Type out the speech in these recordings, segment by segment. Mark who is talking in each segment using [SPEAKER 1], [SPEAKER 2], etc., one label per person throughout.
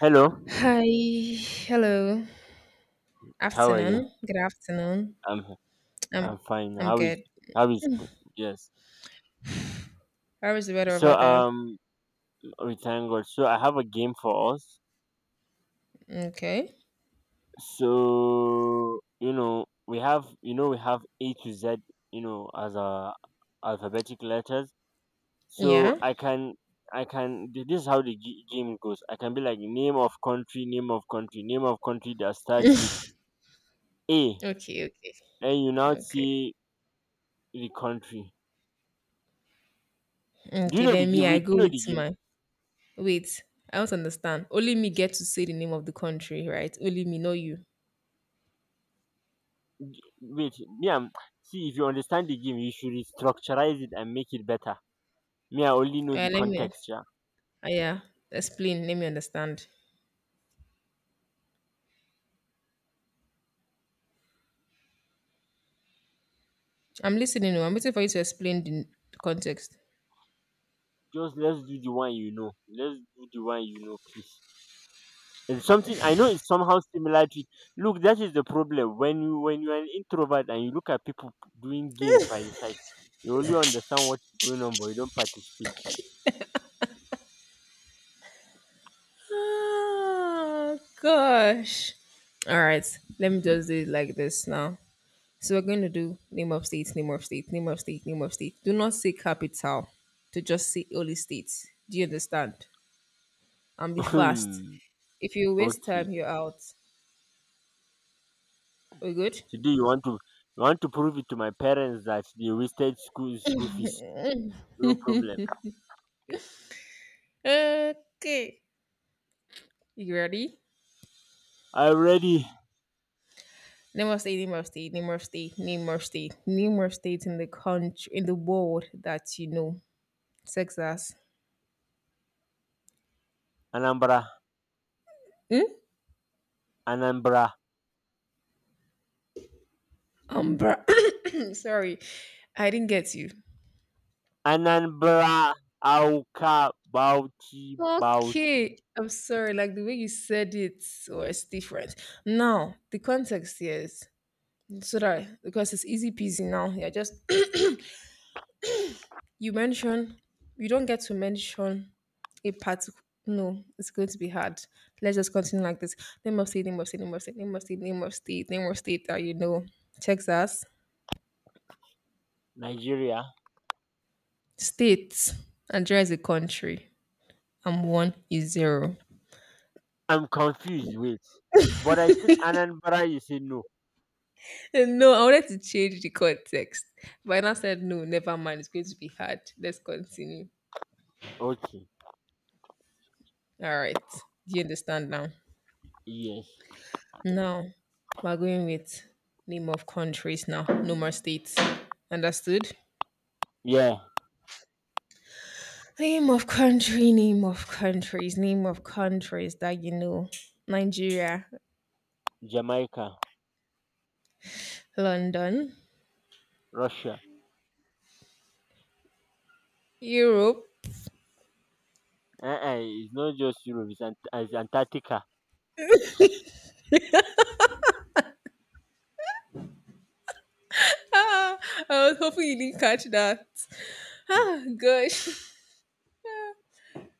[SPEAKER 1] Hello,
[SPEAKER 2] Hi, hello,
[SPEAKER 1] how are you?
[SPEAKER 2] afternoon, good afternoon.
[SPEAKER 1] I'm
[SPEAKER 2] Um,
[SPEAKER 1] I'm fine.
[SPEAKER 2] I'm
[SPEAKER 1] How is
[SPEAKER 2] good.
[SPEAKER 1] how is Yes.
[SPEAKER 2] How is the weather over
[SPEAKER 1] So
[SPEAKER 2] there?
[SPEAKER 1] um we thank God. So I have a game for us.
[SPEAKER 2] Okay,
[SPEAKER 1] So we have A to Z as a alphabetic letters. So
[SPEAKER 2] yeah,
[SPEAKER 1] I can I can th- this is how the game goes. I can be like name of country, name of country, name of country that starts with A,
[SPEAKER 2] okay, okay,
[SPEAKER 1] and you now
[SPEAKER 2] okay,
[SPEAKER 1] see the country. Do you
[SPEAKER 2] okay.
[SPEAKER 1] know the
[SPEAKER 2] Then me,
[SPEAKER 1] game?
[SPEAKER 2] I
[SPEAKER 1] Wait, do
[SPEAKER 2] go
[SPEAKER 1] you know
[SPEAKER 2] with
[SPEAKER 1] the game?
[SPEAKER 2] my wait. I don't understand. Only me get to say the name of the country, right? Only me, know you.
[SPEAKER 1] Wait, me I'm see if you understand the game, you should restructureize it and make it better. Me, I only know the
[SPEAKER 2] Let me,
[SPEAKER 1] context, yeah.
[SPEAKER 2] yeah, explain. Let me understand. I'm listening. Oh, I'm waiting for you to explain the context.
[SPEAKER 1] Just let's do the one you know. Let's do the one you know, please. It's something I know, it's somehow similar to. Look, that is the problem. When you're an introvert and you look at people doing games by the side, you only understand what's going on but you don't participate.
[SPEAKER 2] Oh gosh. All right, let me just do it like this now. So we're going to do name of state, name of state, name of state, name of state. Do not say capital, to just say only states. Do you understand? And be fast.
[SPEAKER 1] Hmm,
[SPEAKER 2] If you waste
[SPEAKER 1] okay.
[SPEAKER 2] time, you're out. We good?
[SPEAKER 1] Today you want to prove it to my parents that they wasted school fees. No problem.
[SPEAKER 2] Okay. You ready?
[SPEAKER 1] I'm ready.
[SPEAKER 2] Name of state, name of state, name of state, name of state, name of state in the country, in the world that you know. Texas.
[SPEAKER 1] Anambra.
[SPEAKER 2] Hmm?
[SPEAKER 1] Anambra,
[SPEAKER 2] Umbra. Sorry. I didn't get you.
[SPEAKER 1] Anambra, Awka, Bauchi, Bauchi,
[SPEAKER 2] Okay, I'm sorry. Like the way you said it was different. Now the context here is, so that, because it's easy peasy now. You're just you mention, you don't get to mention a particular. No, it's going to be hard. Let's just continue like this. Name of state, name of state, name of state, name of state, name of state, name of state that you know. Texas,
[SPEAKER 1] Nigeria.
[SPEAKER 2] states. Nigeria is a country. And one is zero.
[SPEAKER 1] I'm confused. Wait, but I said Anambra. You say no.
[SPEAKER 2] No, I wanted to change the context, but I now said no. Never mind. It's going to be hard. Let's continue.
[SPEAKER 1] Okay.
[SPEAKER 2] All right. Do you understand now?
[SPEAKER 1] Yes.
[SPEAKER 2] Now we're going with name of countries. Now, no more states. Understood?
[SPEAKER 1] Yeah.
[SPEAKER 2] Name of country. Name of countries. Name of countries that you know. Nigeria,
[SPEAKER 1] Jamaica,
[SPEAKER 2] London,
[SPEAKER 1] Russia.
[SPEAKER 2] Europe.
[SPEAKER 1] Uh-uh, it's not just Europe. It's Antarctica.
[SPEAKER 2] I was hoping you didn't catch that. Ah, gosh.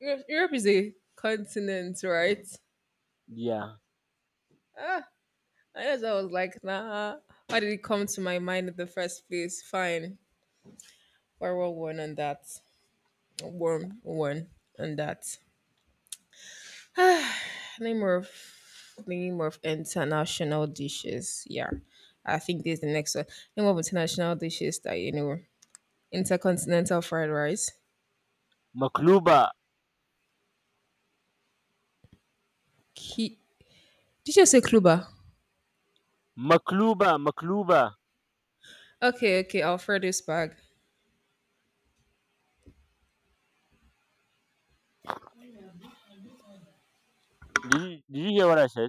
[SPEAKER 2] Europe is a continent, right?
[SPEAKER 1] Yeah.
[SPEAKER 2] I guess I was like, nah. How did it come to my mind in the first place? Fine. We're all one on that. One on that. Name of Name of international dishes. Yeah. I think this is the next one. Name of international dishes that you know. Intercontinental fried rice.
[SPEAKER 1] Makluba,
[SPEAKER 2] Ki- Did you say kluba?
[SPEAKER 1] Makluba, Makluba.
[SPEAKER 2] Okay, okay, Alfredo Spag.
[SPEAKER 1] Did you hear what I said?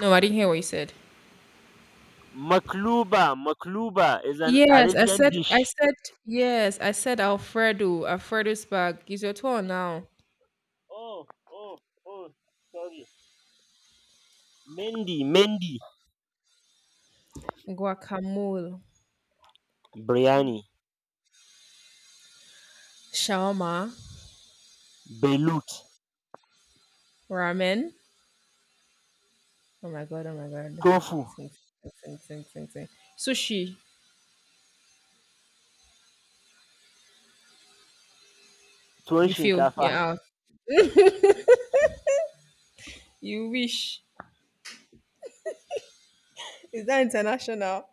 [SPEAKER 2] No, I didn't hear what you said.
[SPEAKER 1] Makluba, Makluba is an
[SPEAKER 2] Yes, I
[SPEAKER 1] Arabian
[SPEAKER 2] said I
[SPEAKER 1] dish.
[SPEAKER 2] said yes, I said Alfredo Spag. Is your turn now.
[SPEAKER 1] Oh, oh, oh. Sorry. Mendi, Mendi.
[SPEAKER 2] Guacamole,
[SPEAKER 1] Biryani,
[SPEAKER 2] shawarma,
[SPEAKER 1] bailut,
[SPEAKER 2] ramen. Oh my god! Oh my god!
[SPEAKER 1] tofu,
[SPEAKER 2] Sing, sing. Sushi.
[SPEAKER 1] tuwon
[SPEAKER 2] You feel?
[SPEAKER 1] shinkafa.
[SPEAKER 2] Yeah. Out. You wish. Is that international?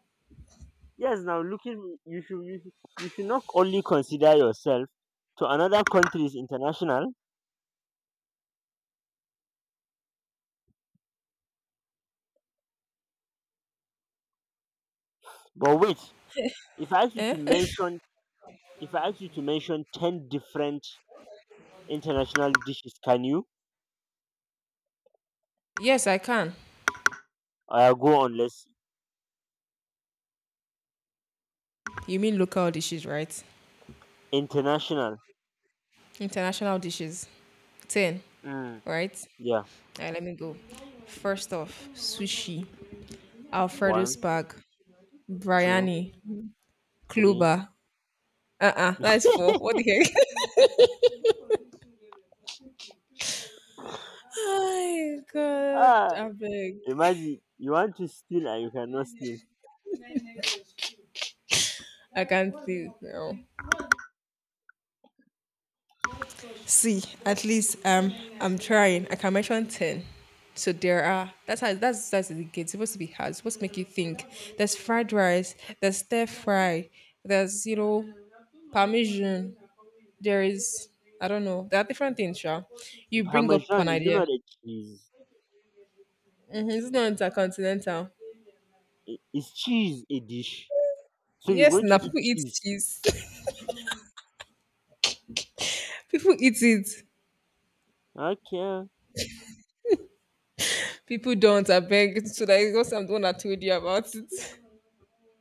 [SPEAKER 1] Yes, now looking, you should not only consider yourself to another country's international, but wait, if I ask you
[SPEAKER 2] Eh?
[SPEAKER 1] to mention if I ask you to mention ten different international dishes, can you?
[SPEAKER 2] Yes, I can.
[SPEAKER 1] I will go on, let's see.
[SPEAKER 2] You mean local dishes, right?
[SPEAKER 1] International.
[SPEAKER 2] International dishes. Ten,
[SPEAKER 1] Mm,
[SPEAKER 2] right?
[SPEAKER 1] yeah.
[SPEAKER 2] All right, let me go. First off, sushi, Alfredo
[SPEAKER 1] One,
[SPEAKER 2] spag,
[SPEAKER 1] two,
[SPEAKER 2] biryani,
[SPEAKER 1] three.
[SPEAKER 2] kluba. Uh-uh, that's four. What the heck? My God,
[SPEAKER 1] Ah,
[SPEAKER 2] I beg.
[SPEAKER 1] imagine you want to steal and you cannot steal.
[SPEAKER 2] I can't see. No. See, at least I'm trying. I can mention ten. So there are. That's how. That's the gate. It's supposed to be hard. It's supposed to make you think. There's fried rice. There's stir fry. There's, you know, parmesan. There is. I don't know. There are different things, sure. You bring up an
[SPEAKER 1] Parmesan is
[SPEAKER 2] idea.
[SPEAKER 1] not a cheese.
[SPEAKER 2] Hmm. It's not intercontinental.
[SPEAKER 1] Is cheese a dish? So you're
[SPEAKER 2] Yes,
[SPEAKER 1] going to
[SPEAKER 2] now
[SPEAKER 1] eat
[SPEAKER 2] people eat
[SPEAKER 1] cheese.
[SPEAKER 2] cheese. People eat it.
[SPEAKER 1] Okay.
[SPEAKER 2] People don't. I beg. So that is what I'm the one that told you about it.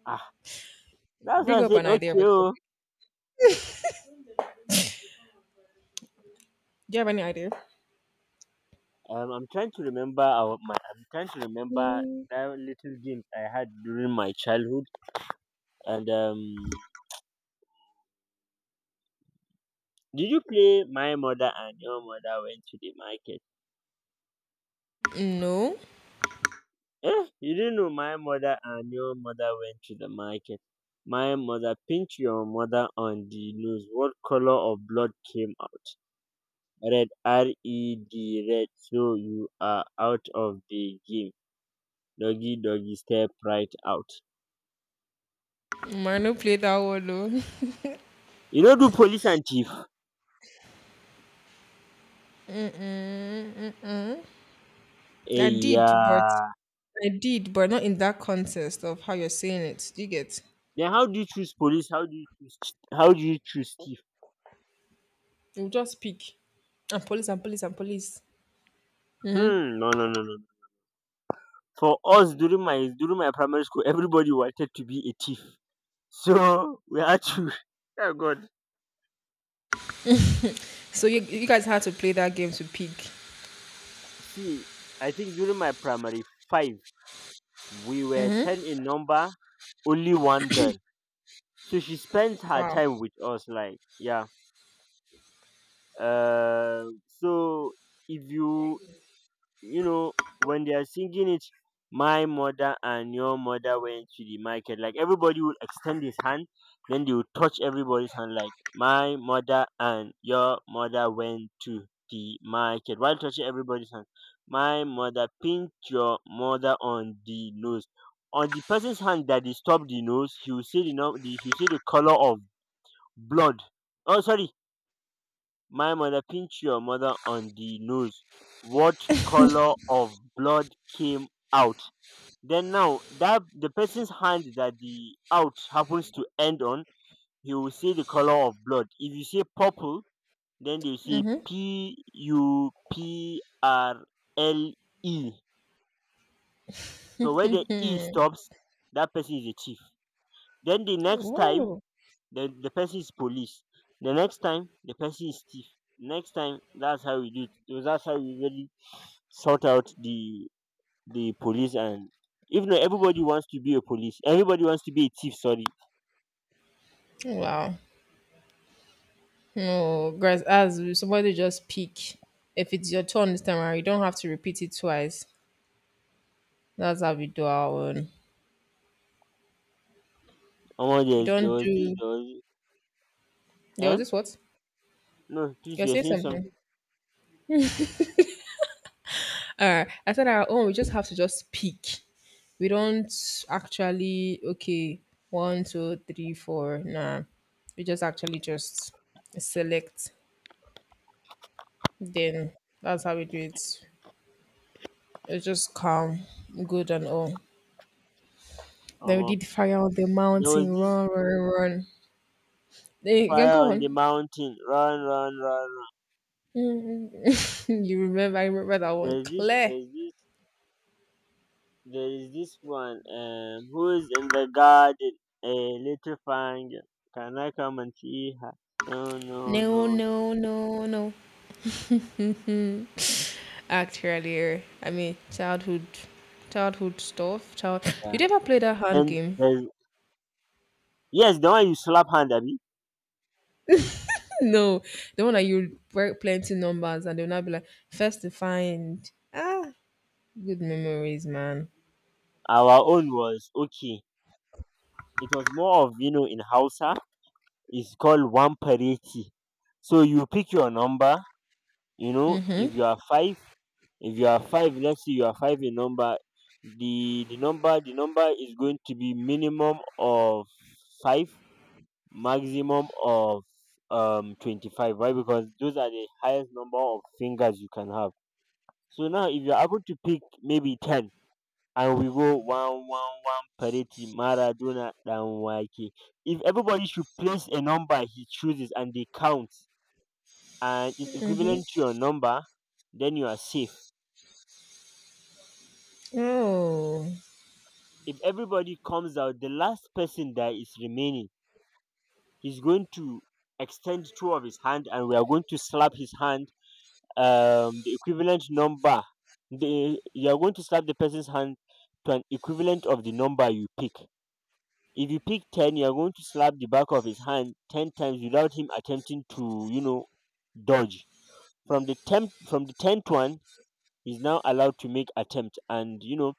[SPEAKER 1] Ah, that's why
[SPEAKER 2] Bring
[SPEAKER 1] I
[SPEAKER 2] up
[SPEAKER 1] said
[SPEAKER 2] an idea of
[SPEAKER 1] okay.
[SPEAKER 2] a
[SPEAKER 1] Oh.
[SPEAKER 2] topic. Do you have any idea?
[SPEAKER 1] I'm trying to remember that little games I had during my childhood. And did you play my mother and your mother went to the market?
[SPEAKER 2] No,
[SPEAKER 1] Eh, you didn't know my mother and your mother went to the market. My mother pinched your mother on the nose. What color of blood came out? Red, R E D, red. So you are out of the game. Doggy, doggy, step right out.
[SPEAKER 2] I no play that one though.
[SPEAKER 1] You know, do police and thief.
[SPEAKER 2] I did, but
[SPEAKER 1] Yeah.
[SPEAKER 2] I did, but not in that context of how you're saying it. Do you get?
[SPEAKER 1] Then how do you choose police? How do you choose? How do you choose thief?
[SPEAKER 2] You just pick. And police and police and police.
[SPEAKER 1] Hmm. No, no, no, no, no. For us, during my primary school, everybody wanted to be a thief. So we had to. Oh God.
[SPEAKER 2] So you guys had to play that game to pick.
[SPEAKER 1] See, I think during my primary five, we were 10 in number. Only one girl. So she spends her
[SPEAKER 2] Wow.
[SPEAKER 1] time with us. Like, yeah. So if you know when they are singing it, my mother and your mother went to the market, like everybody would extend his hand, then they would touch everybody's hand, like my mother and your mother went to the market while touching everybody's hand, my mother pinched your mother on the nose, on the person's hand that disturbed the nose, you see the color of blood. Oh, sorry. My mother pinched your mother on the nose. What color of blood came out? Then now that the person's hand that the out happens to end on, he will say the color of blood. If you say purple, then they will say PUPRLE. So where the E stops, that person is a thief. Then the next time
[SPEAKER 2] Oh.
[SPEAKER 1] the person is police, the next time the person is thief, next time, that's how we do it. So that's how we really sort out the police, and even though everybody wants to be a police, everybody wants to be a thief. Sorry.
[SPEAKER 2] Wow. No, guys, as somebody just pick. If it's your turn this time around, you don't have to repeat it twice. That's how we do our own.
[SPEAKER 1] Omo,
[SPEAKER 2] We don't do.
[SPEAKER 1] there was,
[SPEAKER 2] There was
[SPEAKER 1] eh?
[SPEAKER 2] this what?
[SPEAKER 1] No, please,
[SPEAKER 2] You're
[SPEAKER 1] we are
[SPEAKER 2] saying
[SPEAKER 1] saying
[SPEAKER 2] something.
[SPEAKER 1] something.
[SPEAKER 2] I said our own. We just have to just pick. We don't actually, okay. One, two, three, four. Nah, we just actually just select. Then that's how we do it. It's just calm, good and all. Then we
[SPEAKER 1] Omo,
[SPEAKER 2] did fire on the
[SPEAKER 1] there
[SPEAKER 2] mountain.
[SPEAKER 1] was this
[SPEAKER 2] Run, run, run. Then you can
[SPEAKER 1] fire
[SPEAKER 2] go
[SPEAKER 1] on the
[SPEAKER 2] on.
[SPEAKER 1] mountain. Run, run, run, run.
[SPEAKER 2] Mm, mm. You remember? I remember that one.
[SPEAKER 1] There's this,
[SPEAKER 2] Clear.
[SPEAKER 1] there's this There is this one who is in the garden, a little fangirl. Can I come and see her? No, no,
[SPEAKER 2] No,
[SPEAKER 1] no, no.
[SPEAKER 2] no, no, no. Mm. Act earlier. I mean, childhood, stuff. Child, did
[SPEAKER 1] Yeah.
[SPEAKER 2] you ever play that hand
[SPEAKER 1] Then
[SPEAKER 2] game?
[SPEAKER 1] there's, yes, the one you slap hand, Abby.
[SPEAKER 2] No, the one that you work plenty numbers and they'll not be like first to find. Ah, good memories, man.
[SPEAKER 1] Our own was okay. It was more of, in Hausa. It's called one parity. So you pick your number. You know, if you are five, let's say you are five in number, the number is going to be minimum of five, maximum of 25. Why? Because those are the highest number of fingers you can have. So now, if you're able to pick maybe 10, and we go one one one parity maradona dan wake, if everybody should place a number he chooses and they count, and it's
[SPEAKER 2] Mm-hmm.
[SPEAKER 1] equivalent to your number, then you are safe.
[SPEAKER 2] Oh,
[SPEAKER 1] If everybody comes out, the last person that is remaining, he's going to extend two of his hand and we are going to slap his hand, the equivalent number. The, you are going to slap the person's hand to an equivalent of the number you pick. If you pick 10, you are going to slap the back of his hand 10 times without him attempting to dodge. From the 10, from the 10th one, he's now allowed to make attempt. And,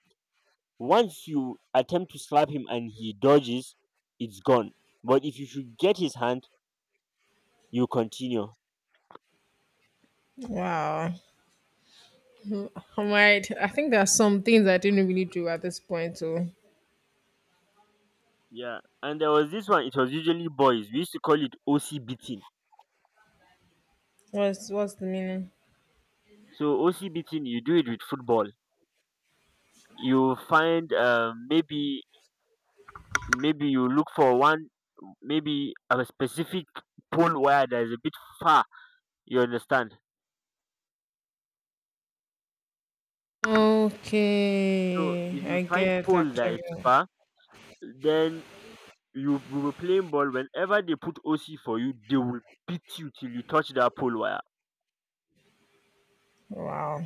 [SPEAKER 1] once you attempt to slap him and he dodges, it's gone. But if you should get his hand, you continue.
[SPEAKER 2] wow. All right. I think there are some things I didn't really do at this point. So,
[SPEAKER 1] Yeah, and there was this one. It was usually boys. We used to call it OC beating.
[SPEAKER 2] what's the meaning?
[SPEAKER 1] So OC beating, you do it with football. You find maybe you look for one, maybe a specific pole wire that is a bit far. You understand? So
[SPEAKER 2] Okay,
[SPEAKER 1] if
[SPEAKER 2] I
[SPEAKER 1] you find
[SPEAKER 2] get
[SPEAKER 1] pole that is
[SPEAKER 2] actually.
[SPEAKER 1] far, then you we will play ball. Whenever they put OC for you, they will beat you till you touch that pole wire.
[SPEAKER 2] Wow.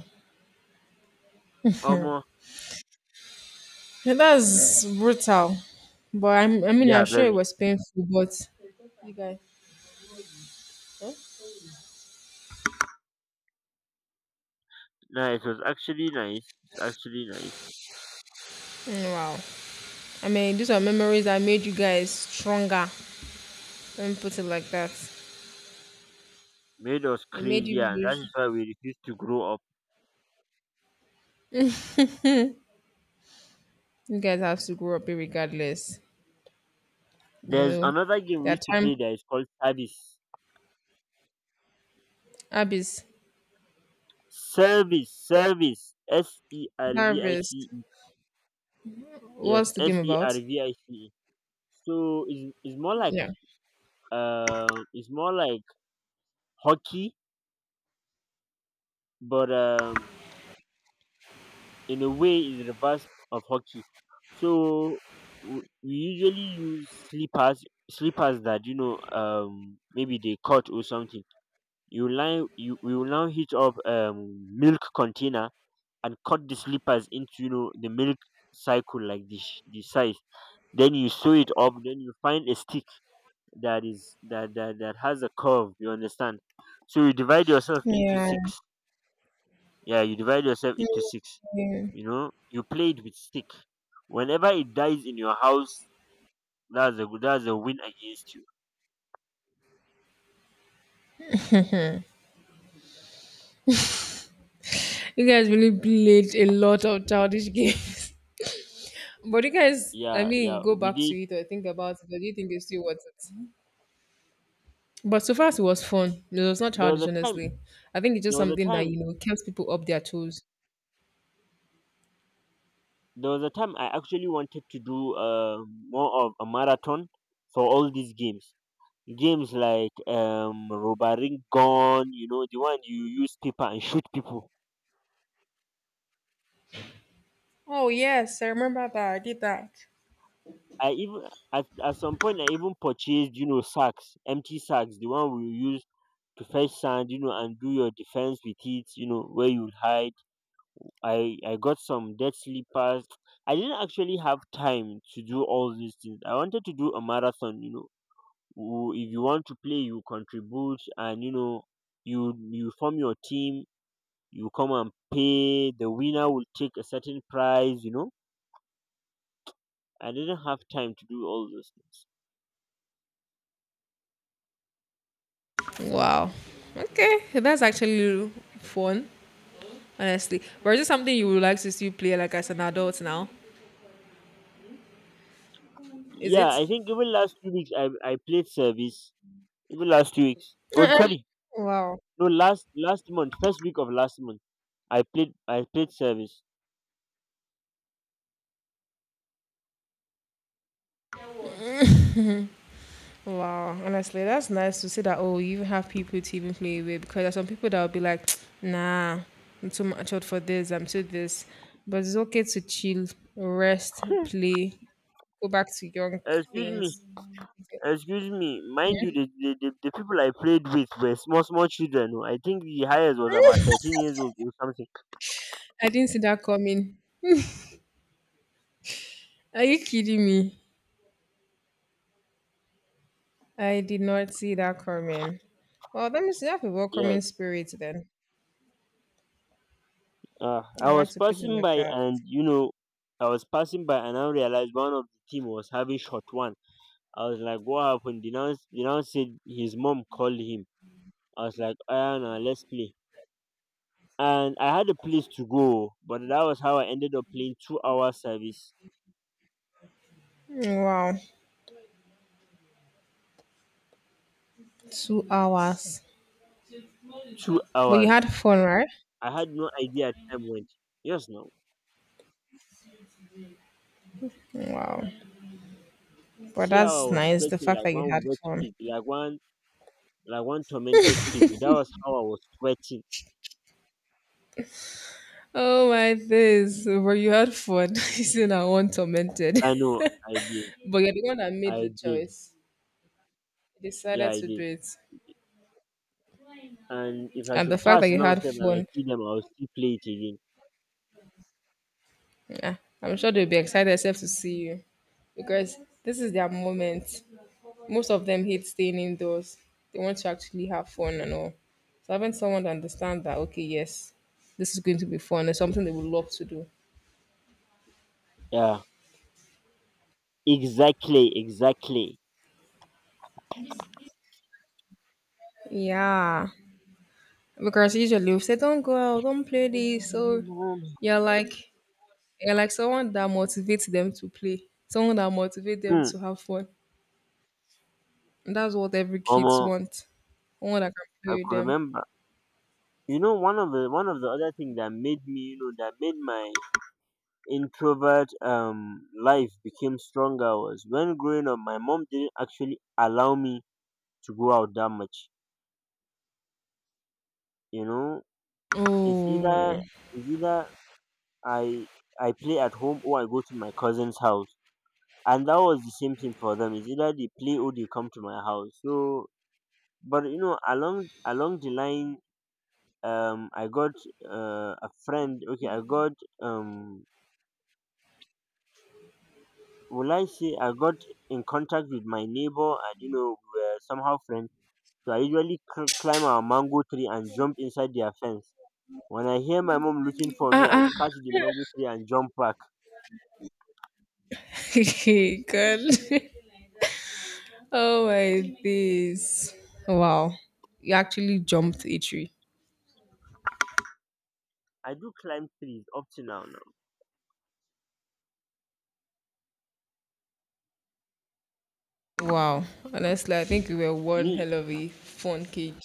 [SPEAKER 1] Almost.
[SPEAKER 2] Yeah,
[SPEAKER 1] Hmm.
[SPEAKER 2] that's brutal. But I'm, I mean, I'm
[SPEAKER 1] Yeah,
[SPEAKER 2] sure it
[SPEAKER 1] very.
[SPEAKER 2] was painful, but you guys,
[SPEAKER 1] No, it was actually nice. It's actually nice.
[SPEAKER 2] mm, wow. I mean, these are memories that made you guys stronger. Let me put it like that.
[SPEAKER 1] Made us
[SPEAKER 2] It made
[SPEAKER 1] crazy,
[SPEAKER 2] you,
[SPEAKER 1] and that is
[SPEAKER 2] wish-
[SPEAKER 1] why we refuse to grow up.
[SPEAKER 2] You guys have to grow up regardless. You
[SPEAKER 1] There's
[SPEAKER 2] know,
[SPEAKER 1] another game we
[SPEAKER 2] their
[SPEAKER 1] used to play
[SPEAKER 2] time,
[SPEAKER 1] that is called Service.
[SPEAKER 2] Abyss,
[SPEAKER 1] Service, service, S E R V I
[SPEAKER 2] service.
[SPEAKER 1] C E. Yes,
[SPEAKER 2] What's the
[SPEAKER 1] S
[SPEAKER 2] game
[SPEAKER 1] E R
[SPEAKER 2] about?
[SPEAKER 1] V I C E. So it's, it's more like
[SPEAKER 2] Yeah.
[SPEAKER 1] um it's more like hockey, but in a way it's reverse of hockey. So we usually use slippers, slippers that maybe they cut or something. You line. You we will now hit up milk container, and cut the slippers into, the milk cycle, like the the size. Then you sew it up. Then you find a stick that is that that, that has a curve. You understand? So you divide yourself into
[SPEAKER 2] Yeah.
[SPEAKER 1] six. Yeah, you divide yourself
[SPEAKER 2] Yeah.
[SPEAKER 1] into six. You know, you play it with stick. Whenever it dies in your house, that's a win against you.
[SPEAKER 2] You guys really played a lot of childish games. But you guys, I
[SPEAKER 1] Yeah,
[SPEAKER 2] mean,
[SPEAKER 1] yeah.
[SPEAKER 2] go
[SPEAKER 1] We
[SPEAKER 2] back to
[SPEAKER 1] did.
[SPEAKER 2] it or think about it. Or do you think it's still worth it? But so far it was fun, it was not
[SPEAKER 1] There was
[SPEAKER 2] childish,
[SPEAKER 1] a time.
[SPEAKER 2] honestly. I think it's just
[SPEAKER 1] There was a
[SPEAKER 2] something that,
[SPEAKER 1] time
[SPEAKER 2] you know, keeps people up their toes.
[SPEAKER 1] there was a time I actually wanted to do more of a marathon for all these games. Games like robaring gun, you know, the one you use paper and shoot people.
[SPEAKER 2] Oh, yes, I remember that. I did that.
[SPEAKER 1] I even at, at some point i even purchased, you know, sacks, empty sacks, the one we use to fetch sand, you know, and do your defense with it, you know, where you hide. I got some dead slippers. I didn't actually have time to do all these things. I wanted to do a marathon. If you want to play, you contribute, and you form your team, you come and pay, the winner will take a certain prize. I didn't have time to do all those things.
[SPEAKER 2] Wow. Okay. That's actually fun, honestly. But is it something you would like to see play like as an adult now? Is
[SPEAKER 1] Yeah,
[SPEAKER 2] it?
[SPEAKER 1] I think even last 2 weeks I played service. Even last 2 weeks. Oh, sorry.
[SPEAKER 2] Wow.
[SPEAKER 1] No, last month, first week of last month. I played service.
[SPEAKER 2] Wow, honestly, that's nice to see that. Oh, you even have people to even play with, because there's some people that will be like, nah, I'm too much out for this, I'm too this. But it's okay to chill, rest, play, go back to young
[SPEAKER 1] Excuse me,
[SPEAKER 2] things.
[SPEAKER 1] excuse me. Mind you, the, people I played with were small small children. Oh. I think the highest was about 13 years old or something.
[SPEAKER 2] I didn't see that coming. Are you kidding me? I did not see that coming. Well, that means you have a welcoming
[SPEAKER 1] Yes.
[SPEAKER 2] spirit then. I
[SPEAKER 1] I
[SPEAKER 2] like
[SPEAKER 1] was
[SPEAKER 2] to put it
[SPEAKER 1] passing
[SPEAKER 2] like
[SPEAKER 1] by
[SPEAKER 2] that.
[SPEAKER 1] and I realized one of the team was having short one. I was like, what happened? The now said his mom called him. I was like, ah, no, let's play. And I had a place to go, but that was how I ended up playing 2 hour service.
[SPEAKER 2] Wow, 2 hours.
[SPEAKER 1] Two
[SPEAKER 2] But you
[SPEAKER 1] hours.
[SPEAKER 2] had fun, right?
[SPEAKER 1] I had no idea time went. Yes, no.
[SPEAKER 2] Wow. But
[SPEAKER 1] See how
[SPEAKER 2] that's
[SPEAKER 1] I was
[SPEAKER 2] nice, the
[SPEAKER 1] sweating
[SPEAKER 2] fact
[SPEAKER 1] like
[SPEAKER 2] that you had
[SPEAKER 1] one wet
[SPEAKER 2] fun.
[SPEAKER 1] pig, like one tormented pig. That was how I was sweating.
[SPEAKER 2] Oh my days. But you had fun. You see, I want tormented.
[SPEAKER 1] I know, I did,
[SPEAKER 2] But you're the one that made the
[SPEAKER 1] I did,
[SPEAKER 2] choice. You
[SPEAKER 1] yeah,
[SPEAKER 2] decided
[SPEAKER 1] I
[SPEAKER 2] to do
[SPEAKER 1] did.
[SPEAKER 2] it.
[SPEAKER 1] And if I
[SPEAKER 2] And the
[SPEAKER 1] should
[SPEAKER 2] fact that
[SPEAKER 1] pass
[SPEAKER 2] you
[SPEAKER 1] now
[SPEAKER 2] had
[SPEAKER 1] sef and I
[SPEAKER 2] fun,
[SPEAKER 1] see them, I will still play it again.
[SPEAKER 2] yeah, I'm sure they'll be excited except to see you, because this is their moment. Most of them hate staying indoors. They want to actually have fun and all. So having someone to understand that, okay, yes, this is going to be fun is something they would love to do.
[SPEAKER 1] Yeah, exactly, exactly.
[SPEAKER 2] Yeah, because usually we say don't go out, don't play this. So you're like you're like someone that motivates them to play, someone that motivates them
[SPEAKER 1] Hmm.
[SPEAKER 2] to have fun, and that's what every
[SPEAKER 1] Omo,
[SPEAKER 2] kids want. Someone that can
[SPEAKER 1] I
[SPEAKER 2] play with
[SPEAKER 1] could
[SPEAKER 2] them.
[SPEAKER 1] remember. You know, one of the other thing that made me, you know, that made my introvert life became stronger was when growing up, my mom didn't actually allow me to go out that much. You know, it's
[SPEAKER 2] Oh,
[SPEAKER 1] either it's either I I play at home or I go to my cousin's house. And that was the same thing for them. It's either they play or they come to my house. So, but along the line, I got a friend. Okay, I got um, will I say I got in contact with my neighbor, and we were somehow friends. So I usually climb our mango tree and jump inside their fence. When I hear my mom looking for
[SPEAKER 2] ah,
[SPEAKER 1] me, I'll
[SPEAKER 2] ah.
[SPEAKER 1] catch the mango tree and jump back.
[SPEAKER 2] Hey, girl. Oh my days. Wow. You actually jumped a tree.
[SPEAKER 1] I do climb trees up to now.
[SPEAKER 2] Wow. Honestly, I think you were one
[SPEAKER 1] Me,
[SPEAKER 2] hell of a fun kid.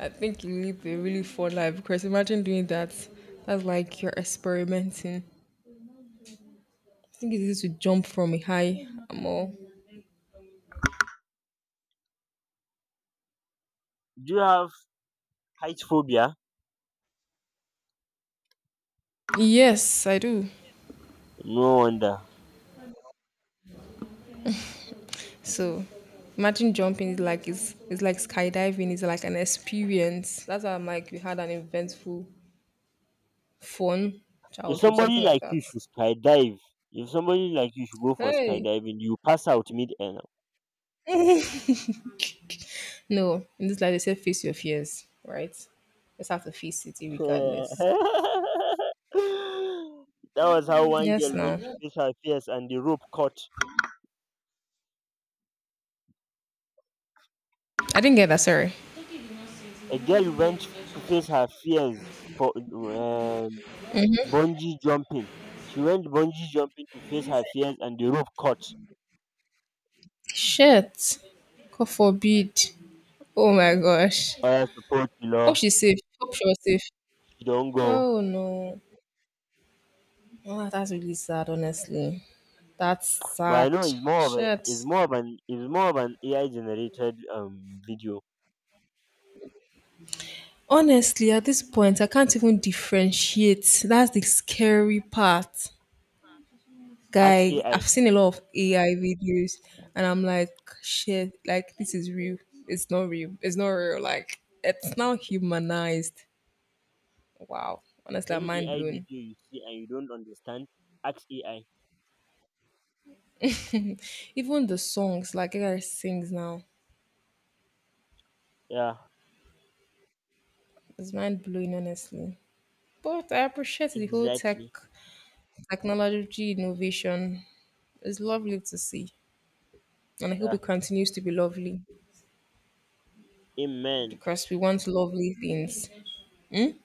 [SPEAKER 2] I think you lived a really fun life because imagine doing that. That's like you're experimenting. I think it's easy to jump from a high. I'm all.
[SPEAKER 1] do you have height phobia?
[SPEAKER 2] Yes, I do.
[SPEAKER 1] No wonder.
[SPEAKER 2] So imagine jumping is like, it's like skydiving is like an experience. That's why I'm like we had an eventful fun
[SPEAKER 1] If
[SPEAKER 2] childhood,
[SPEAKER 1] somebody
[SPEAKER 2] something like
[SPEAKER 1] like you
[SPEAKER 2] that.
[SPEAKER 1] should skydive, If somebody like you should go for
[SPEAKER 2] Hey,
[SPEAKER 1] skydiving, you pass out mid air now.
[SPEAKER 2] no, in this life they say face your fears, right? Just have to face it,
[SPEAKER 1] That
[SPEAKER 2] regardless.
[SPEAKER 1] was how one
[SPEAKER 2] Yes,
[SPEAKER 1] girl
[SPEAKER 2] no,
[SPEAKER 1] went to face her fears and the rope caught.
[SPEAKER 2] I didn't get that. Sorry.
[SPEAKER 1] A girl went to face her fears for bungee jumping. She went bungee jumping to face her fears and the rope caught.
[SPEAKER 2] Shit. God forbid. Oh my gosh.
[SPEAKER 1] I support you, law.
[SPEAKER 2] Hope she's safe. Hope she was safe.
[SPEAKER 1] She don't go.
[SPEAKER 2] Oh no. Oh, that's really sad, honestly. That's
[SPEAKER 1] But I
[SPEAKER 2] sad.
[SPEAKER 1] know
[SPEAKER 2] Shit.
[SPEAKER 1] it's more of an AI generated video.
[SPEAKER 2] Honestly, at this point, I can't even differentiate. That's the scary part.
[SPEAKER 1] Ask
[SPEAKER 2] Guy, I've
[SPEAKER 1] AI.
[SPEAKER 2] seen a lot of AI videos and I'm like, shit, like this is real. It's not real. It's not real. Like it's now humanized. Wow. Honestly, I'm
[SPEAKER 1] Any
[SPEAKER 2] mind
[SPEAKER 1] AI
[SPEAKER 2] blowing.
[SPEAKER 1] video you see and you don't understand, ask AI.
[SPEAKER 2] Even the songs, like AI sings now,
[SPEAKER 1] Yeah.
[SPEAKER 2] it's mind blowing, honestly. But I appreciate the whole
[SPEAKER 1] Exactly.
[SPEAKER 2] technology innovation. It's lovely to see. And I hope
[SPEAKER 1] Yeah.
[SPEAKER 2] it continues to be lovely
[SPEAKER 1] Amen.
[SPEAKER 2] because we want lovely things. Hmm.